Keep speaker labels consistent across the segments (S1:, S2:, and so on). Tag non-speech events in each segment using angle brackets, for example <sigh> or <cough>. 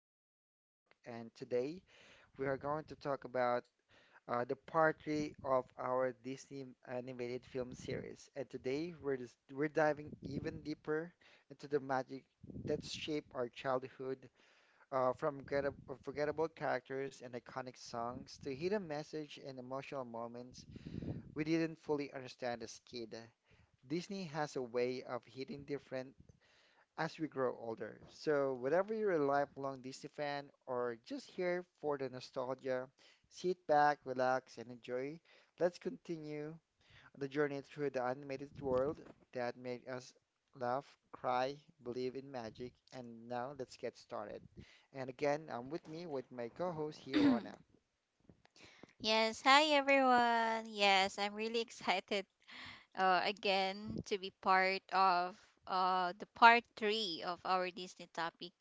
S1: Popcorn Talk. And today we are going to talk about the part three of our Disney animated film series. And today we're diving even deeper into the magic that shaped our childhood, from forgettable characters and iconic songs to hidden message and emotional moments we didn't fully understand as kid. Disney has a way of hitting different as we grow older. So, whether you're a lifelong Disney fan or just here for the nostalgia, sit back, relax, and enjoy. Let's continue the journey through the animated world that made us laugh, cry, believe in magic, and now let's get started. And again, I'm with me with my co-host here, Rona.
S2: <clears throat> Yes, hi everyone. Yes, I'm really <laughs> excited again to be part of the part three of our Disney topic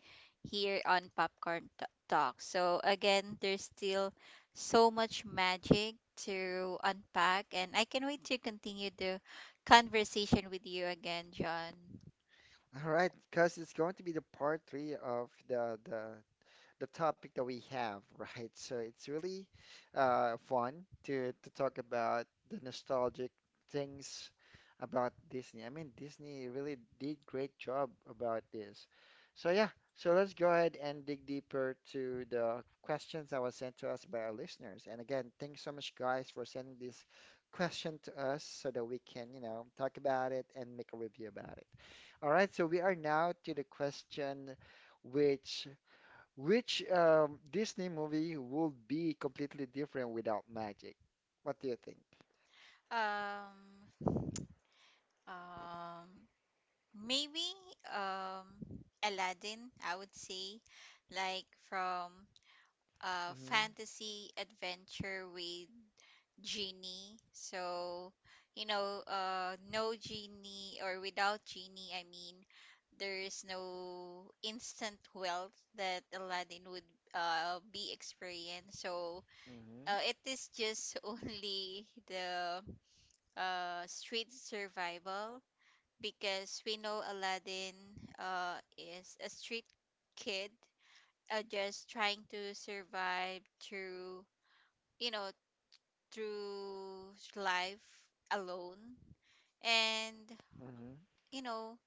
S2: here on Popcorn Talk. So, again, there's still so much magic to unpack, and I can wait to continue the conversation with you again, John.
S1: All right, because it's going to be the part three of the topic that we have, <laughs> right? So it's really fun to talk about the nostalgic things about Disney. I mean, Disney really did great job about this. So yeah, so let's go ahead and dig deeper to the questions that was sent to us by our listeners. And again, thanks so much, guys, for sending this question to us so that we can, you know, talk about it and make a review about it. All right, so we are now to the question which which Disney movie would be completely different without magic? What do you think?
S2: Um, um, Maybe um Aladdin, I would say, like from a
S1: Mm-hmm.
S2: fantasy adventure with genie. So, you know, no genie or without genie, I mean, there is no instant wealth that Aladdin would be experienced. So,
S1: Mm-hmm.
S2: it is just <laughs> only the street survival because we know Aladdin is a street kid, just trying to survive through, you know, through life alone. And,
S1: Mm-hmm.
S2: you know,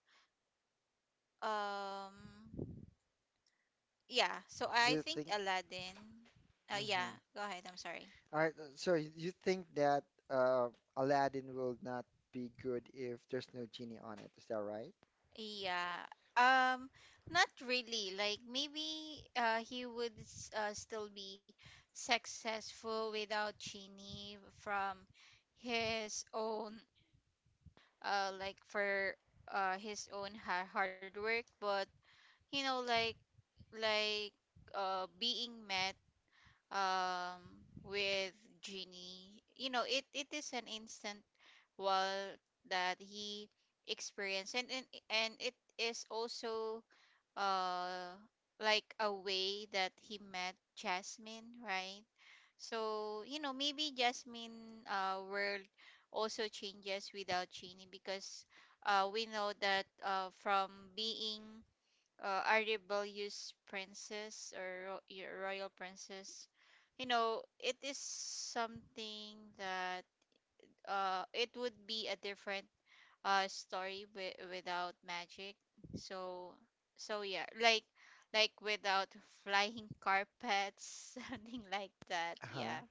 S2: um, yeah, so
S1: Do
S2: I
S1: you
S2: think
S1: think?
S2: Aladdin, yeah,
S1: Mm-hmm.
S2: go ahead, I'm sorry.
S1: All right. So you think that uh, Aladdin will not be good if there's no genie on it? Is that right?
S2: Yeah. Um, Not really. Like maybe he would still be successful without Chini from his own like for his own ha hard work, but you know like being met um with Genie, you know, it is an instant wall that he experienced and it is also uh like a way that he met Jasmine, right? So, you know, maybe Jasmine world also changes without Cheney because we know that from being a rebellious princess or royal princess, you know, it is something that it would be a different story without magic, so so yeah, like without flying carpets, <laughs> something like that,
S1: Uh-huh.
S2: yeah.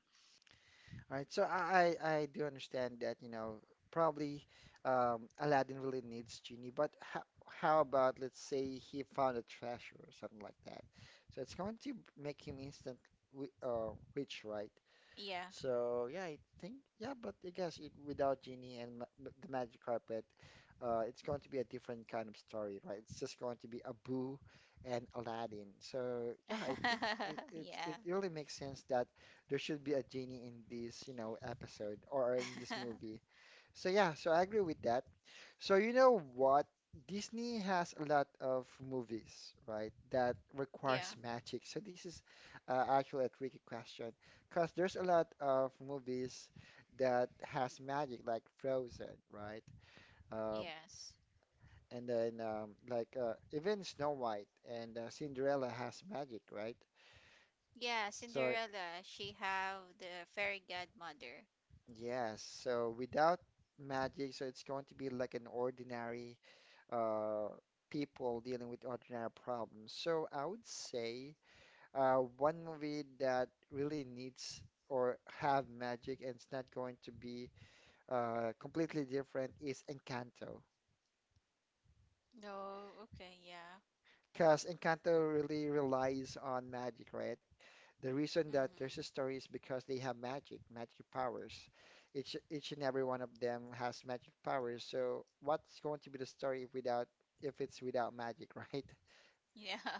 S1: All right, so I do understand that, you know, probably Aladdin really needs genie, but how about let's say he found a treasure or something like that. So it's going to make him instant rich, right?
S2: Yeah.
S1: So yeah, I think yeah, but I guess it, without Genie and the magic carpet, it's going to be a different kind of story, right? It's just going to be Abu and Aladdin. So yeah, I think
S2: <laughs>
S1: it
S2: Yeah.
S1: really makes sense that there should be a genie in this, you know, episode or in this
S2: <laughs>
S1: movie. So yeah, so I agree with that. So you know what? Disney has a lot of movies, right, that requires
S2: Yeah.
S1: magic. So this is actually a tricky question, because there's a lot of movies that has magic, like Frozen, right? Um,
S2: Yes.
S1: and then like Even Snow White and Cinderella has magic, right?
S2: Yeah,
S1: So
S2: Cinderella, she have the fairy godmother.
S1: yes, so without magic, so it's going to be like an ordinary uh, people dealing with ordinary problems. So I would say one movie that really needs or have magic and it's not going to be completely different is Encanto.
S2: Oh, okay, yeah.
S1: Because Encanto really relies on magic, right? The reason that there's a
S2: Mm-hmm.
S1: story is because they have magic, magic powers. Each and every one of them has magic powers. So what's going to be the story without if it's without magic, <laughs> right?
S2: Yeah. <laughs>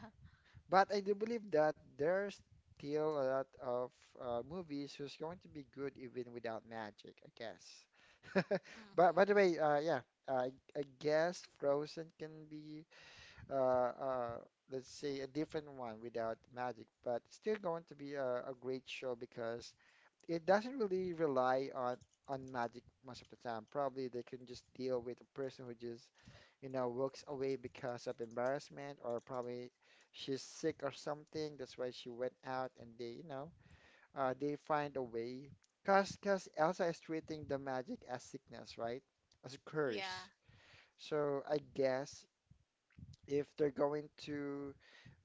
S1: But I do believe that there's still a lot of movies who's going to be good even without magic, I guess. <laughs> But by the
S2: Mm-hmm.
S1: way, yeah, I, I guess Frozen can be uh, uh, let's say a different one without magic, but still going to be a great show because it doesn't really rely on magic most of the time. Probably they can just deal with a person who just, you know, walks away because of embarrassment or probably she's sick or something. That's why she went out and they, you know, they find a way. Cause Elsa is treating the magic as sickness, right? As a
S2: Yeah.
S1: curse. So I guess if they're going to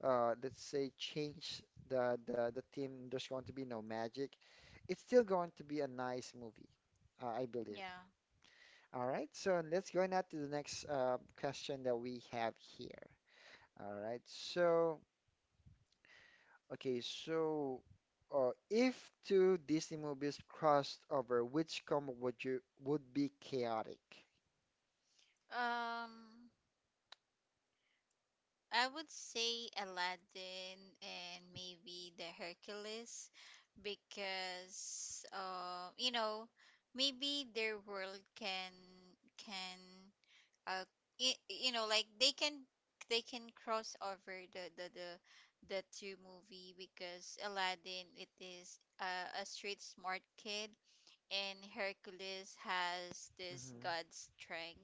S1: let's say change the team, there's going to be no magic. It's still going to be a nice movie, I believe.
S2: Yeah.
S1: All right, so let's go now to the next question that we have here. All right, so okay, so if two Disney movies crossed over, which combo would you would be chaotic?
S2: um I would say Aladdin and maybe the Hercules, because you know, maybe their world can uh you know, like they can cross over the two movie, because Aladdin it is a street smart kid and Hercules has this
S1: Hmm.
S2: god strength.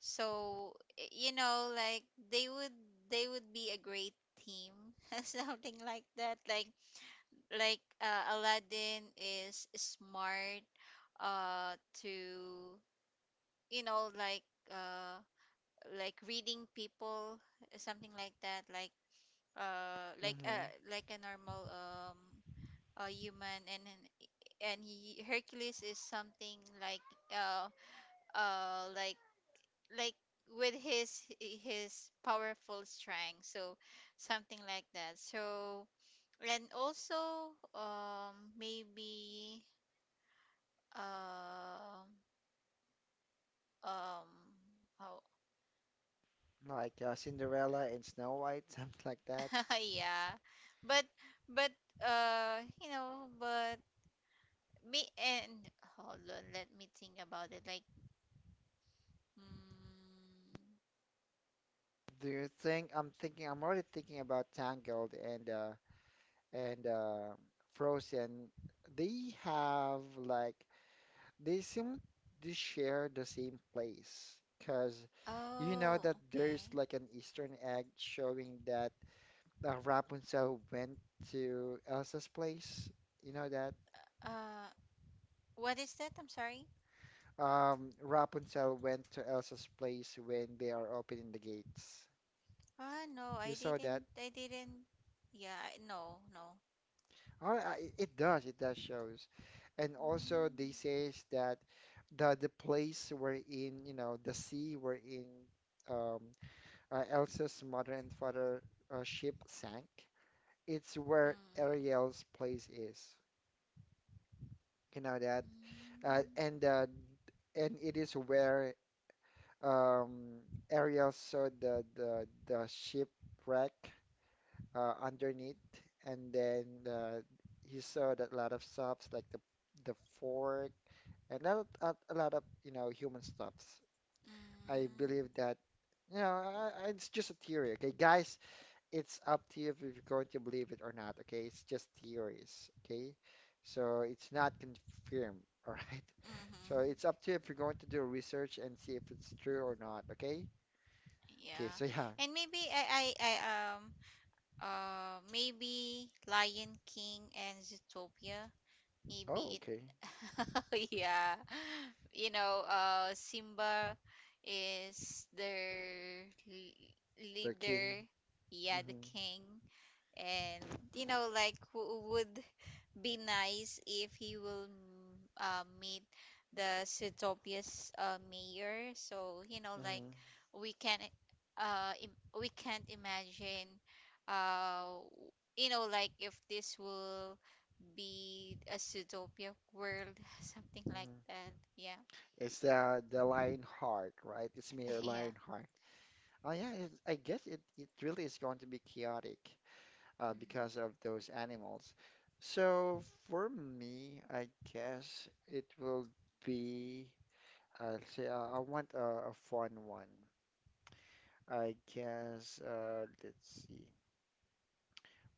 S2: So you know, like they would they would be a great team, <laughs> something like that. Like Aladdin is smart, uh, to you know, uh like reading people, something like that. Like
S1: Hmm.
S2: like a normal a human, and he, Hercules is something uh uh like like with his powerful strength, so something like that. So and also maybe um um how
S1: Like Cinderella and Snow White, <laughs> something like that.
S2: <laughs> yeah. But but uh you know, but me and, hold on, let me think about it, like, mm.
S1: Do you think I'm thinking I'm already thinking about Tangled and and uh Frozen. They have like they seem to share the same place because you know
S2: Oh,
S1: that there's
S2: okay.
S1: like an Eastern egg showing that Rapunzel went to Elsa's place. You know that
S2: uh what is that, I'm sorry?
S1: Rapunzel went to Elsa's place when they are opening the gates.
S2: Ah, no,
S1: You saw that?
S2: I didn't, yeah, no, no.
S1: All right, it does shows. And also they
S2: Mm.
S1: says that the place we're in, you know, the sea we're in, um, Elsa's mother and father ship sank. It's where
S2: Mm.
S1: Ariel's place is. You know that? Uh,
S2: Mm.
S1: and uh, and it is where um, Ariel saw the shipwreck underneath, and then uh, he saw that a lot of stuff like the fork and a lot of you know human stuffs. I
S2: Mm.
S1: believe that you know it's just a theory, okay, guys. It's up to you if you're going to believe it or not, okay? It's just theories, okay? So it's not confirmed, <laughs> all right?
S2: Mm-hmm.
S1: So it's up to you if you're going to do research and see if it's true or not, okay? Okay,
S2: Yeah.
S1: so yeah.
S2: And maybe maybe Lion King and Zootopia,
S1: Oh,
S2: maybe it,
S1: okay.
S2: <laughs> yeah, you know, Simba is their
S1: The king.
S2: leader, yeah, the
S1: Mm-hmm.
S2: king, and you know, like who would be nice if he will meet the Zootopia mayor. So you know, like
S1: Mm-hmm.
S2: we can we can't imagine uh you know, like if this will be a Zootopia world, <laughs> something like
S1: Mm-hmm.
S2: that. Yeah.
S1: It's the lion heart, right? It's
S2: <laughs>
S1: mere
S2: Yeah.
S1: lion heart. Oh yeah, it, I guess it, it really is going to be chaotic,
S2: Hmm.
S1: because of those animals. So for me, I guess it will be, I'll say, I want a fun one. I guess, let's see,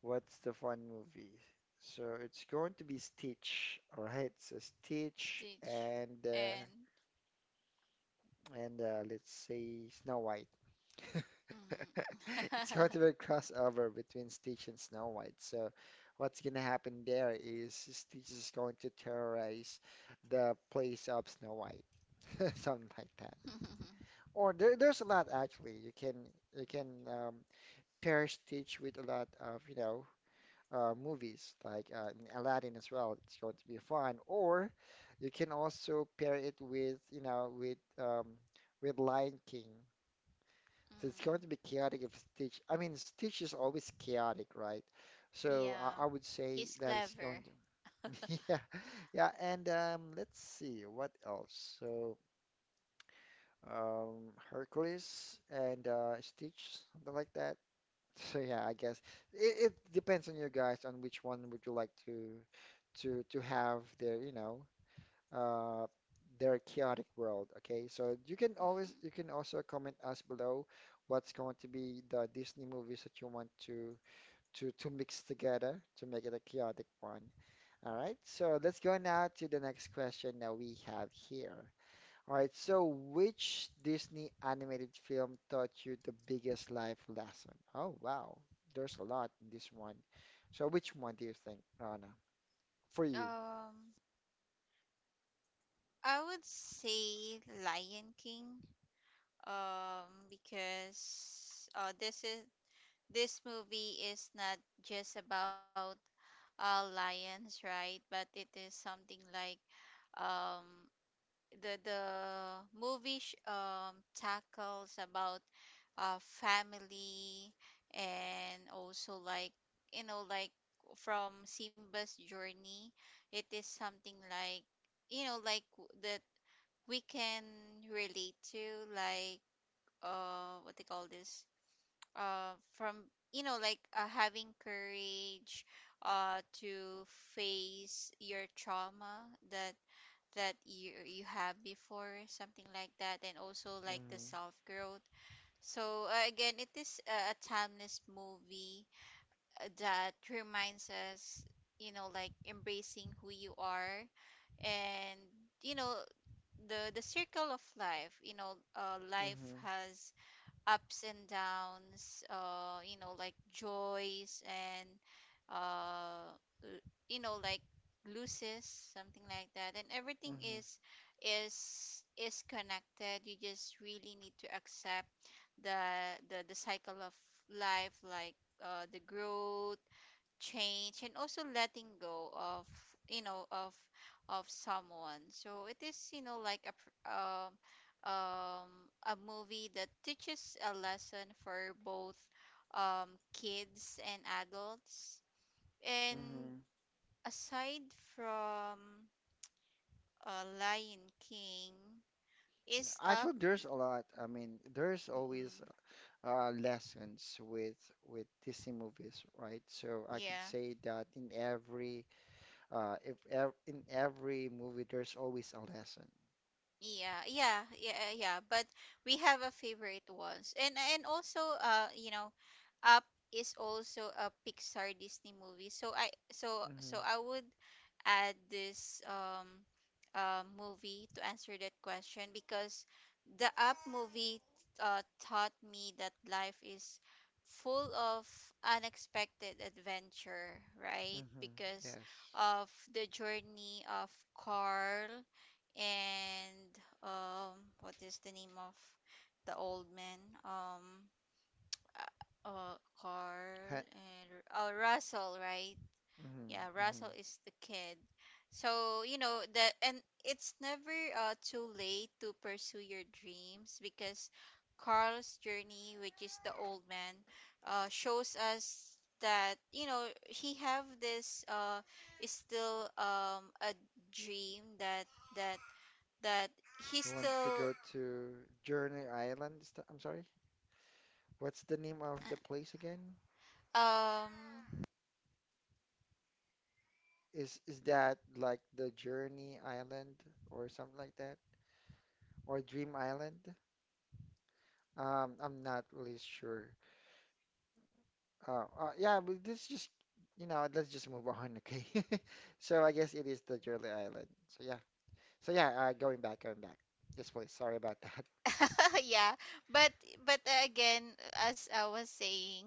S1: what's the fun movie? So it's going to be Stitch, all right? So Stitch
S2: Stitch
S1: and uh,
S2: and.
S1: and uh, let's say Snow White. <laughs>
S2: Hmm.
S1: It's hard
S2: <laughs>
S1: to make crossover between Stitch and Snow White. So, what's gonna happen there is Stitch is going to terrorize the place of Snow White, <laughs> something like
S2: <laughs>
S1: that.
S2: Mm.
S1: Or there's a lot actually. You can you can um, pair Stitch with a lot of you know movies like in Aladdin as well. It's going to be fun. Or you can also pair it with you know with Lion King. So it's going to be chaotic if Stitch. I mean, Stitch is always chaotic, right? So
S2: Yeah,
S1: I would
S2: he's
S1: say that it's
S2: clever.
S1: going to. <laughs> Yeah, yeah. And let's see what else. So Hercules and Stitch, something like that. <laughs> So yeah, I guess it, it depends on you guys on which one would you like to have there. You know, uh, their chaotic world. Okay, so you can
S2: Mm.
S1: always you can also comment us below what's going to be the Disney movies that you want to mix together to make it a chaotic one. All right, so let's go now to the next question that we have here. All right, so which Disney animated film taught you the biggest life lesson? Oh wow, there's a lot in this one. So which one do you think, Rana? For you.
S2: Um, I would say Lion King, because this is this movie is not just about lions, right? But it is something like um, the movie sh tackles about family and also like you know like from Simba's journey, it is something like you know like that we can relate to, like what they call this, from you know like having courage to face your trauma that you you have before, something like that, and also like the self growth. So again it is a timeless movie that reminds us, you know, like embracing who you are, and you know, the circle of life, you know,
S1: Mm-hmm,
S2: life
S1: mm-hmm,
S2: has ups and downs, you know, like joys and uh l- you know like loses, something like that, and everything
S1: mm-hmm,
S2: is connected. You just really need to accept the cycle of life, like the growth, change, and also letting go of you know of someone. So it is, you know, like um a movie that teaches a lesson for both kids and adults. And
S1: mm-hmm.
S2: aside from Lion King is Up.
S1: Actually, there's a lot. I mean, there's
S2: Mm-mm.
S1: always lessons with Disney movies, right? So I could
S2: Yeah.
S1: say that in every if ev in every movie, there's always a lesson.
S2: Yeah, yeah, yeah, yeah. But we have a favorite ones, and also, you know, Up is also a Pixar Disney movie. So I, so
S1: Hmm.
S2: so I would add this movie to answer that question, because the Up movie taught me that life is full of unexpected adventure, right?
S1: Hmm.
S2: Because
S1: Yes.
S2: of the journey of Carl and what is the name of the old man, um uh uh, Carl
S1: Ha.
S2: and, oh, Russell, right.
S1: Hmm.
S2: Yeah,
S1: Hmm.
S2: Russell is the kid. So you know that, and it's never too late to pursue your dreams, because Carl's journey, which is the old man, shows us that, you know, he have this is still a dream that that that he's
S1: You want to
S2: still
S1: go to Journey Island? I'm sorry. What's the name of the place again?
S2: um
S1: Is that like the Journey Island or something like that, or Dream Island? I'm not really sure. Oh, yeah, but this just, you know, let's just move on, okay? <laughs> So I guess it is the Jolly Island. So yeah, so yeah, going back, going back. Yes, please. Sorry about that. <laughs>
S2: <laughs> yeah. but but again, as I was saying,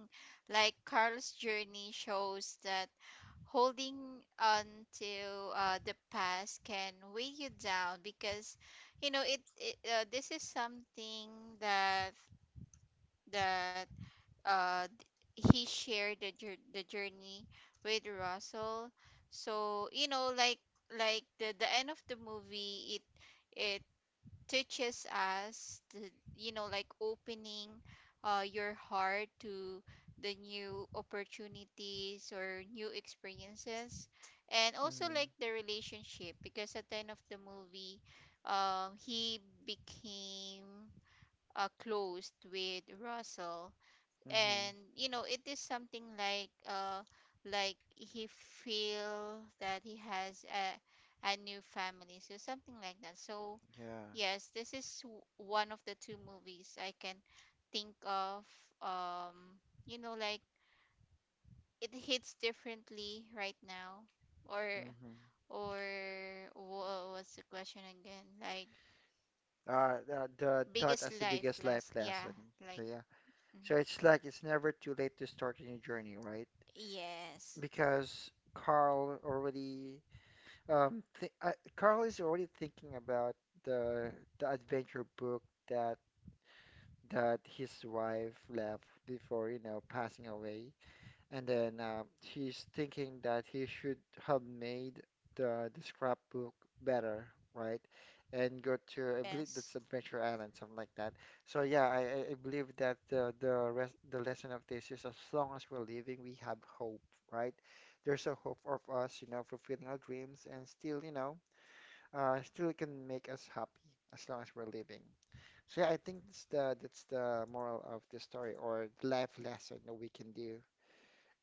S2: like Carl's journey shows that holding on to the past can weigh you down, because you know it, it this is something that that he shared the journey with Russell. So, you know, like the end of the movie, it teaches us the, you know, like opening your heart to the new opportunities or new experiences, and also
S1: Mm-hmm.
S2: like the relationship, because at the end of the movie he became closed with Russell,
S1: Mm-hmm.
S2: and you know it is something like he feel that he has a new family, so something like that. So
S1: Yeah.
S2: yes, this is one of the two movies I can think of, um you know like it hits differently right now, or
S1: Mm-hmm.
S2: or what's the question again, like,
S1: The thought
S2: biggest
S1: as the
S2: life
S1: biggest life
S2: last, yeah,
S1: lesson. So
S2: like,
S1: yeah.
S2: mm.
S1: So it's like it's never too late to start a new journey, right?
S2: Yes.
S1: Because Carl already, Carl is already thinking about the the adventure book that that his wife left before, you know, passing away. And then he's thinking that he should have made the scrapbook better, right? And go to, I believe
S2: Yes.
S1: that's Adventure Island, something like that. So yeah, I believe that the lesson of this is as long as we're living, we have hope, right? There's a hope of us, you know, fulfilling our dreams and still, you know, still can make us happy as long as we're living. So yeah, I think that's the moral of the story or the life lesson that we can do.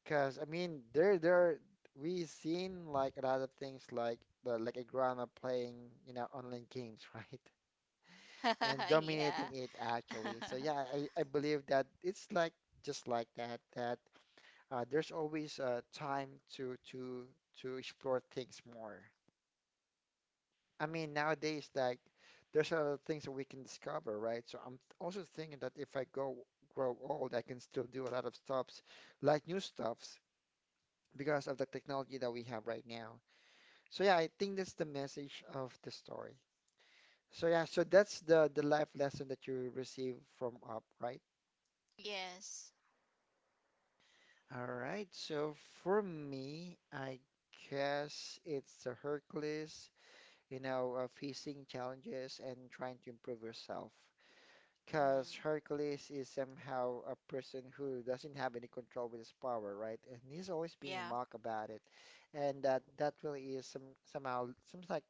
S1: Cause I mean, there we seen like a lot of things like the like a grandma playing you know online games, <laughs> right?
S2: <laughs>
S1: And
S2: Yeah.
S1: dominating it
S2: <laughs>
S1: actually. So yeah, I believe that it's like just like that. There's always time to to to explore things more. I mean, nowadays, like, there's a lot of things that we can discover, right? So I'm also thinking that if I go grow old, I can still do a lot of stuffs, like new stuffs, because of the technology that we have right now. So yeah, I think that's the message of the story. So yeah, so that's the life lesson that you receive from Up, right?
S2: Yes.
S1: All right. So for me, I guess it's the Hercules, facing challenges and trying to improve yourself.
S2: Mhm.
S1: Because Hercules is somehow a person who doesn't have any control with his power, right? And he's always being
S2: Yeah.
S1: mocked about it, and that really is somehow seems like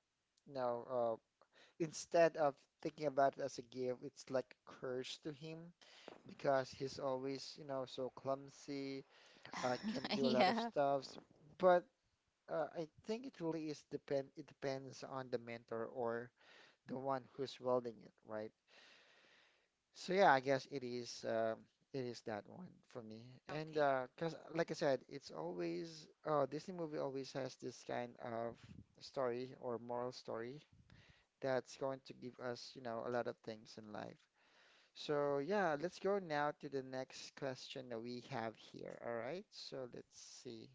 S1: you know uh, instead of thinking about it as a gift, it's like a curse to him because he's always, you know, so clumsy, can't
S2: <laughs>
S1: do a lot of
S2: Yeah.
S1: stuffs. But I think it really is depend it depends on the mentor or the one who's welding it, right? So yeah, I guess it is that one for me. And
S2: Okay.
S1: 'cause like I said, it's always Disney movie always has this kind of story or moral story that's going to give us, you know, a lot of things in life. So yeah, let's go now to the next question that we have here. All right. So let's see.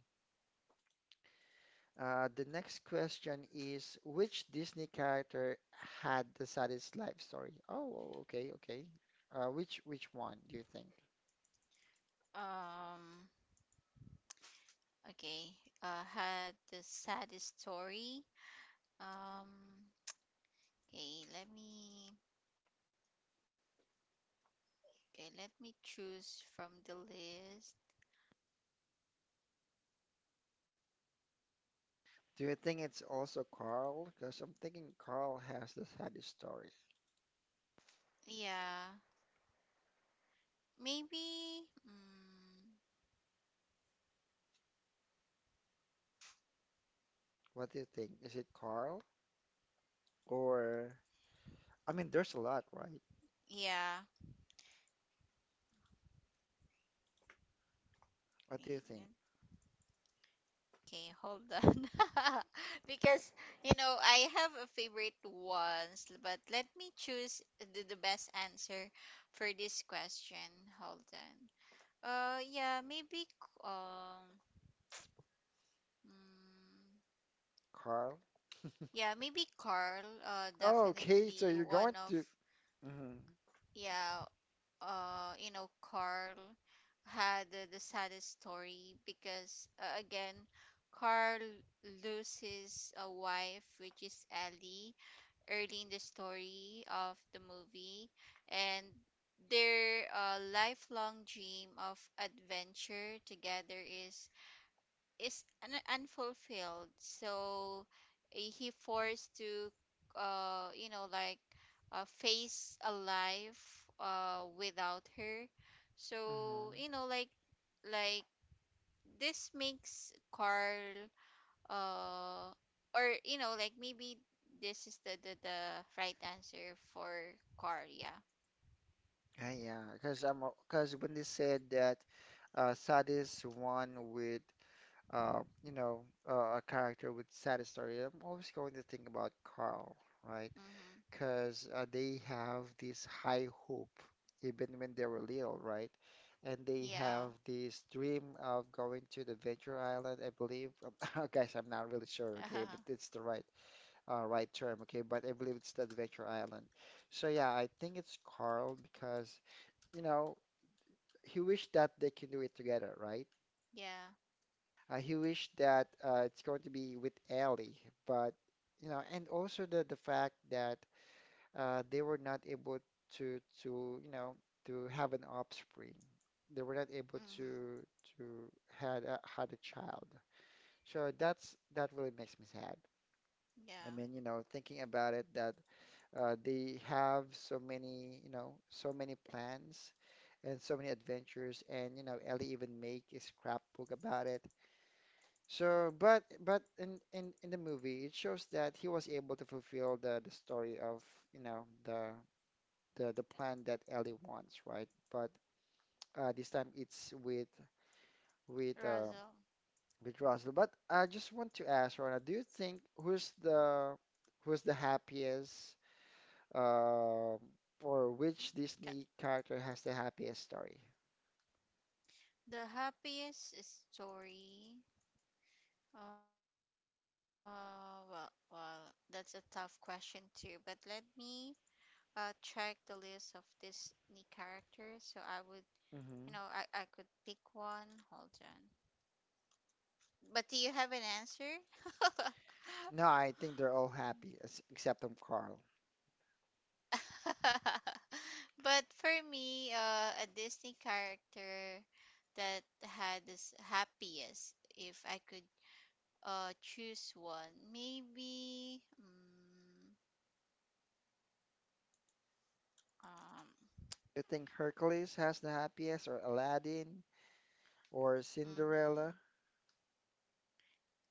S1: The next question is which Disney character had the saddest life story? Oh, okay, okay. Which one do you think?
S2: Um, okay. Had the saddest story. Um, okay, let me, okay, let me choose from the list.
S1: Do you think it's also Carl? Because I'm thinking Carl has the saddest story.
S2: Yeah, maybe, mm,
S1: What do you think? Is it Carl? Or, I mean, there's a lot, right?
S2: yeah.
S1: What do you think?
S2: Okay, okay, hold on. <laughs> Because, you know, I have a favorite ones, but let me choose the best answer for this question. Hold on. Yeah, maybe, mm,
S1: Carl?
S2: yeah, maybe Carl,
S1: Oh, okay, so
S2: definitely
S1: you're
S2: one
S1: going
S2: of,
S1: to. hmm
S2: yeah, you know, Carl had the saddest story because, again, Carl loses a wife, which is Ellie, early in the story of the movie, and their lifelong dream of adventure together is is unfulfilled. So he forced to you know like face a life without her. So
S1: hmm
S2: you know like this makes Carl uh or you know like maybe this is the right answer for car, yeah.
S1: Yeah, yeah, because I'm because when they said that saddest one with uh, you know a character with saddest story, I'm always going to think about Carl, right?
S2: Mm-hmm.
S1: Because they have this high hope even when they were little, right? And they
S2: Yeah.
S1: have this dream of going to the Venture Island, I believe. <laughs> Guys, I'm not really sure,
S2: <laughs>
S1: okay, if
S2: Uh-huh.
S1: it's the right right term, okay, but I believe it's the Adventure Island. So yeah, I think it's Carl because, you know, he wished that they can do it together, right?
S2: Yeah.
S1: He wished that it's going to be with Ellie, but you know, and also the fact that they were not able to you know to have an offspring. They were not able
S2: Mm-hmm.
S1: to had a child. So that's that really makes me sad. I
S2: Yeah.
S1: mean, you know, thinking about it, that they have so many, you know, so many plans and so many adventures, and you know, Ellie even make a scrapbook about it. So, but in the movie, it shows that he was able to fulfill the story of, you know, the plan that Ellie wants, right? But this time it's with uh,
S2: Razo.
S1: with Russell. But I just want to ask Rona, do you think who's the happiest um or which
S2: Ka-
S1: Disney character has the happiest story?
S2: the happiest story, well well, that's a tough question too, but let me check the list of Disney characters so I would, you know, I
S1: hmm
S2: could pick one, hold on. But do you have an answer? <laughs>
S1: No, I think they're all happy except Carl.
S2: <laughs> But for me, a Disney character that had this happiest, if I could choose one, maybe, mm, um.
S1: You think Hercules has the happiest, or Aladdin, or
S2: Mhm.
S1: Cinderella?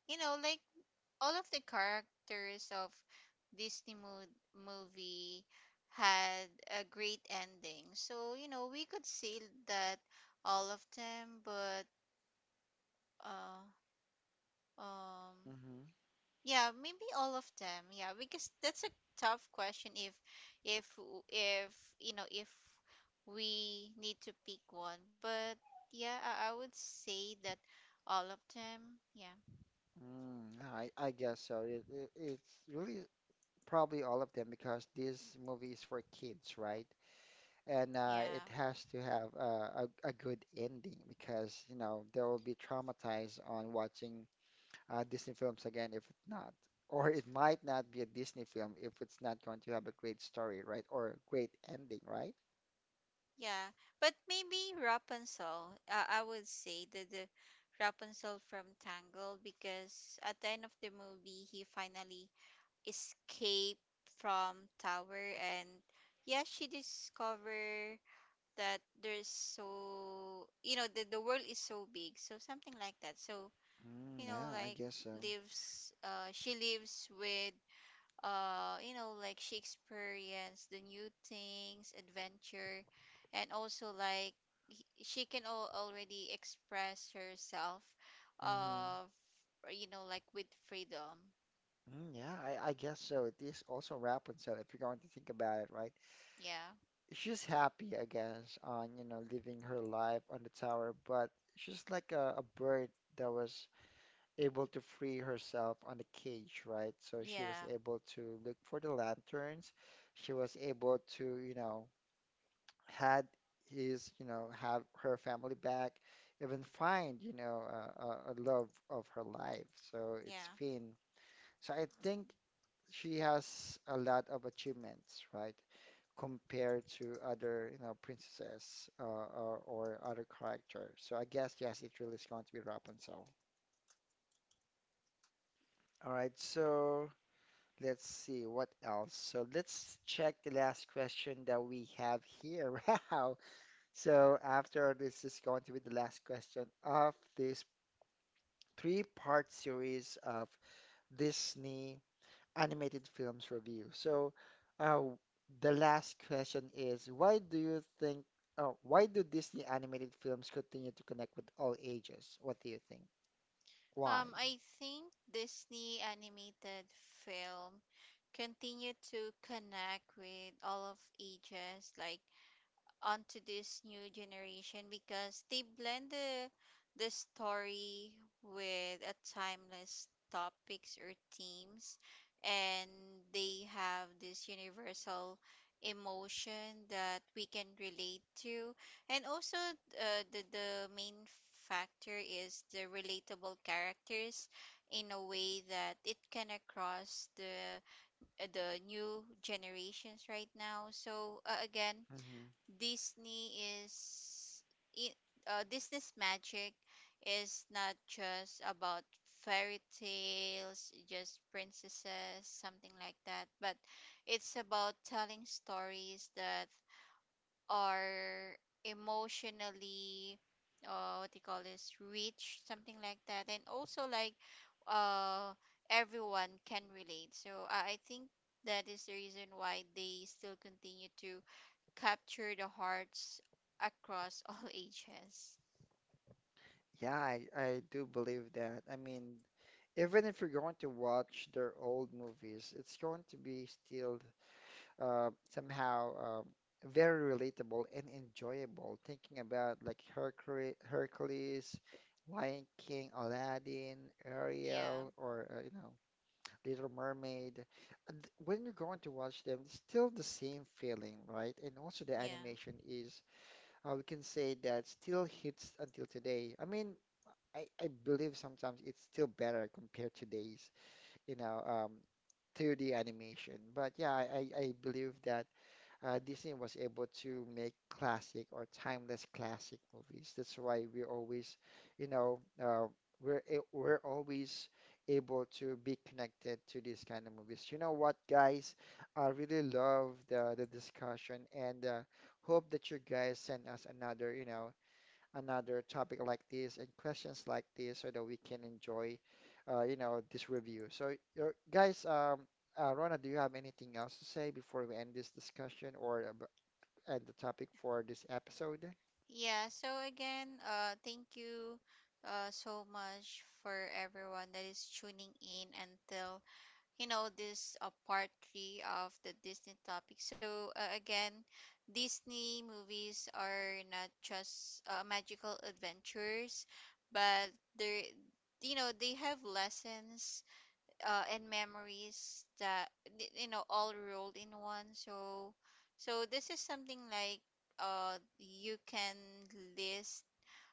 S2: You know, like all of the characters of Disney movie had a great ending. So, you know, we could say that all of them, but uh, um,
S1: Mm-hmm.
S2: yeah, maybe all of them. Yeah, because that's a tough question if if w- if you know if we need to pick one. But yeah, I would say that all of them. Yeah.
S1: Mm, I guess so. It's really probably all of them because this movie is for kids, right? And
S2: Yeah.
S1: it has to have a good ending because, you know, they will be traumatized on watching Disney films again if it's not. <laughs> Or it might not be a Disney film if it's not going to have a great story, right? Or a great ending, right?
S2: Yeah. But maybe Rapunzel. I would say that the Rapunzel from Tangled, because at the end of the movie he finally escaped from tower, and yeah, she discover that there's, so you know, the world is so big, so something like that. So you
S1: Mm,
S2: know
S1: yeah, I
S2: like
S1: guess so.
S2: lives, she lives with you know like she experienced the new things adventure, and also like she can already express herself,
S1: Mm-hmm.
S2: you know, like with freedom.
S1: Mm, yeah, I guess so. It is also Rapunzel if you're going to think about it, right?
S2: Yeah.
S1: She's happy, I guess, on, you know, living her life on the tower, but she's like a bird that was able to free herself on the cage, right? So she
S2: Yeah.
S1: was able to look for the lanterns. She was able to, you know, had his, you know, have her family back, even find, you know, a love of her life. So it's
S2: Yeah.
S1: Finn. So I think she has a lot of achievements, right? Compared to other, you know, princesses or other characters. So I guess yes, it really is going to be Rapunzel. All right, so let's see what else. So let's check the last question that we have here. <laughs> Wow. So after this is going to be the last question of this three-part series of Disney animated films review. So, uh, the last question is, why do you think, oh, why do Disney animated films continue to connect with all ages? What do you think? Why?
S2: I think Disney animated film continue to connect with all of ages, like onto this new generation, because they blend the story with a timeless topics or themes, and they have this universal emotion that we can relate to, and also the main factor is the relatable characters in a way that it can across the new generations right now. So again,
S1: hmm
S2: Disney is i- Disney's magic is not just about fairy tales, just princesses, something like that, but it's about telling stories that are emotionally, what do you call this, rich, something like that, and also like uh, everyone can relate. So I think that is the reason why they still continue to capture the hearts across <laughs> all ages.
S1: Yeah, I do believe that. I mean, even if you're going to watch their old movies, it's going to be still. Somehow very relatable and enjoyable. Thinking about like Hercules, Lion King, Aladdin,
S2: Yeah,
S1: Ariel, or you know, Little Mermaid. And when you're going to watch them, it's still the same feeling, right? And also the
S2: yeah.
S1: animation is, we can say that still hits until today. I mean, I believe sometimes it's still better compared to today's, you know, um, 2D animation. But yeah, I believe that Disney was able to make classic or timeless classic movies. That's why we always, you know, we're always able to be connected to these kind of movies. You know what, guys? I really love the discussion and hope that you guys send us another, you know, another topic like this and questions like this so that we can enjoy, you know, this review. So, your, guys, Rona, do you have anything else to say before we end this discussion or end the topic for this episode?
S2: Yeah, so again, thank you so much for everyone that is tuning in until you know this part 3 of the Disney topic. So again, Disney movies are not just magical adventures, but they're you know they have lessons and memories that you know all rolled in one. So so this is something like you can list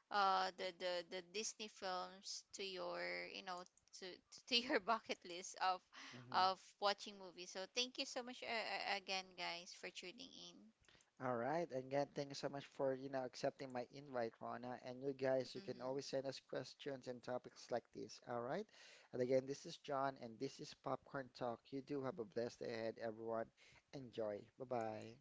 S2: uh the the Disney films to your, you know, to to your <laughs> bucket list
S1: hmm
S2: of watching movies. So thank you so much, again, guys, for tuning in.
S1: All right, again, thank you so much for, you know, accepting my invite, Rona. And you guys, you can
S2: Mm-hmm.
S1: always send us questions and topics like this. All right. And again, this is John, and this is Popcorn Talk. You do have a blessed day ahead, everyone. Enjoy. Bye-bye.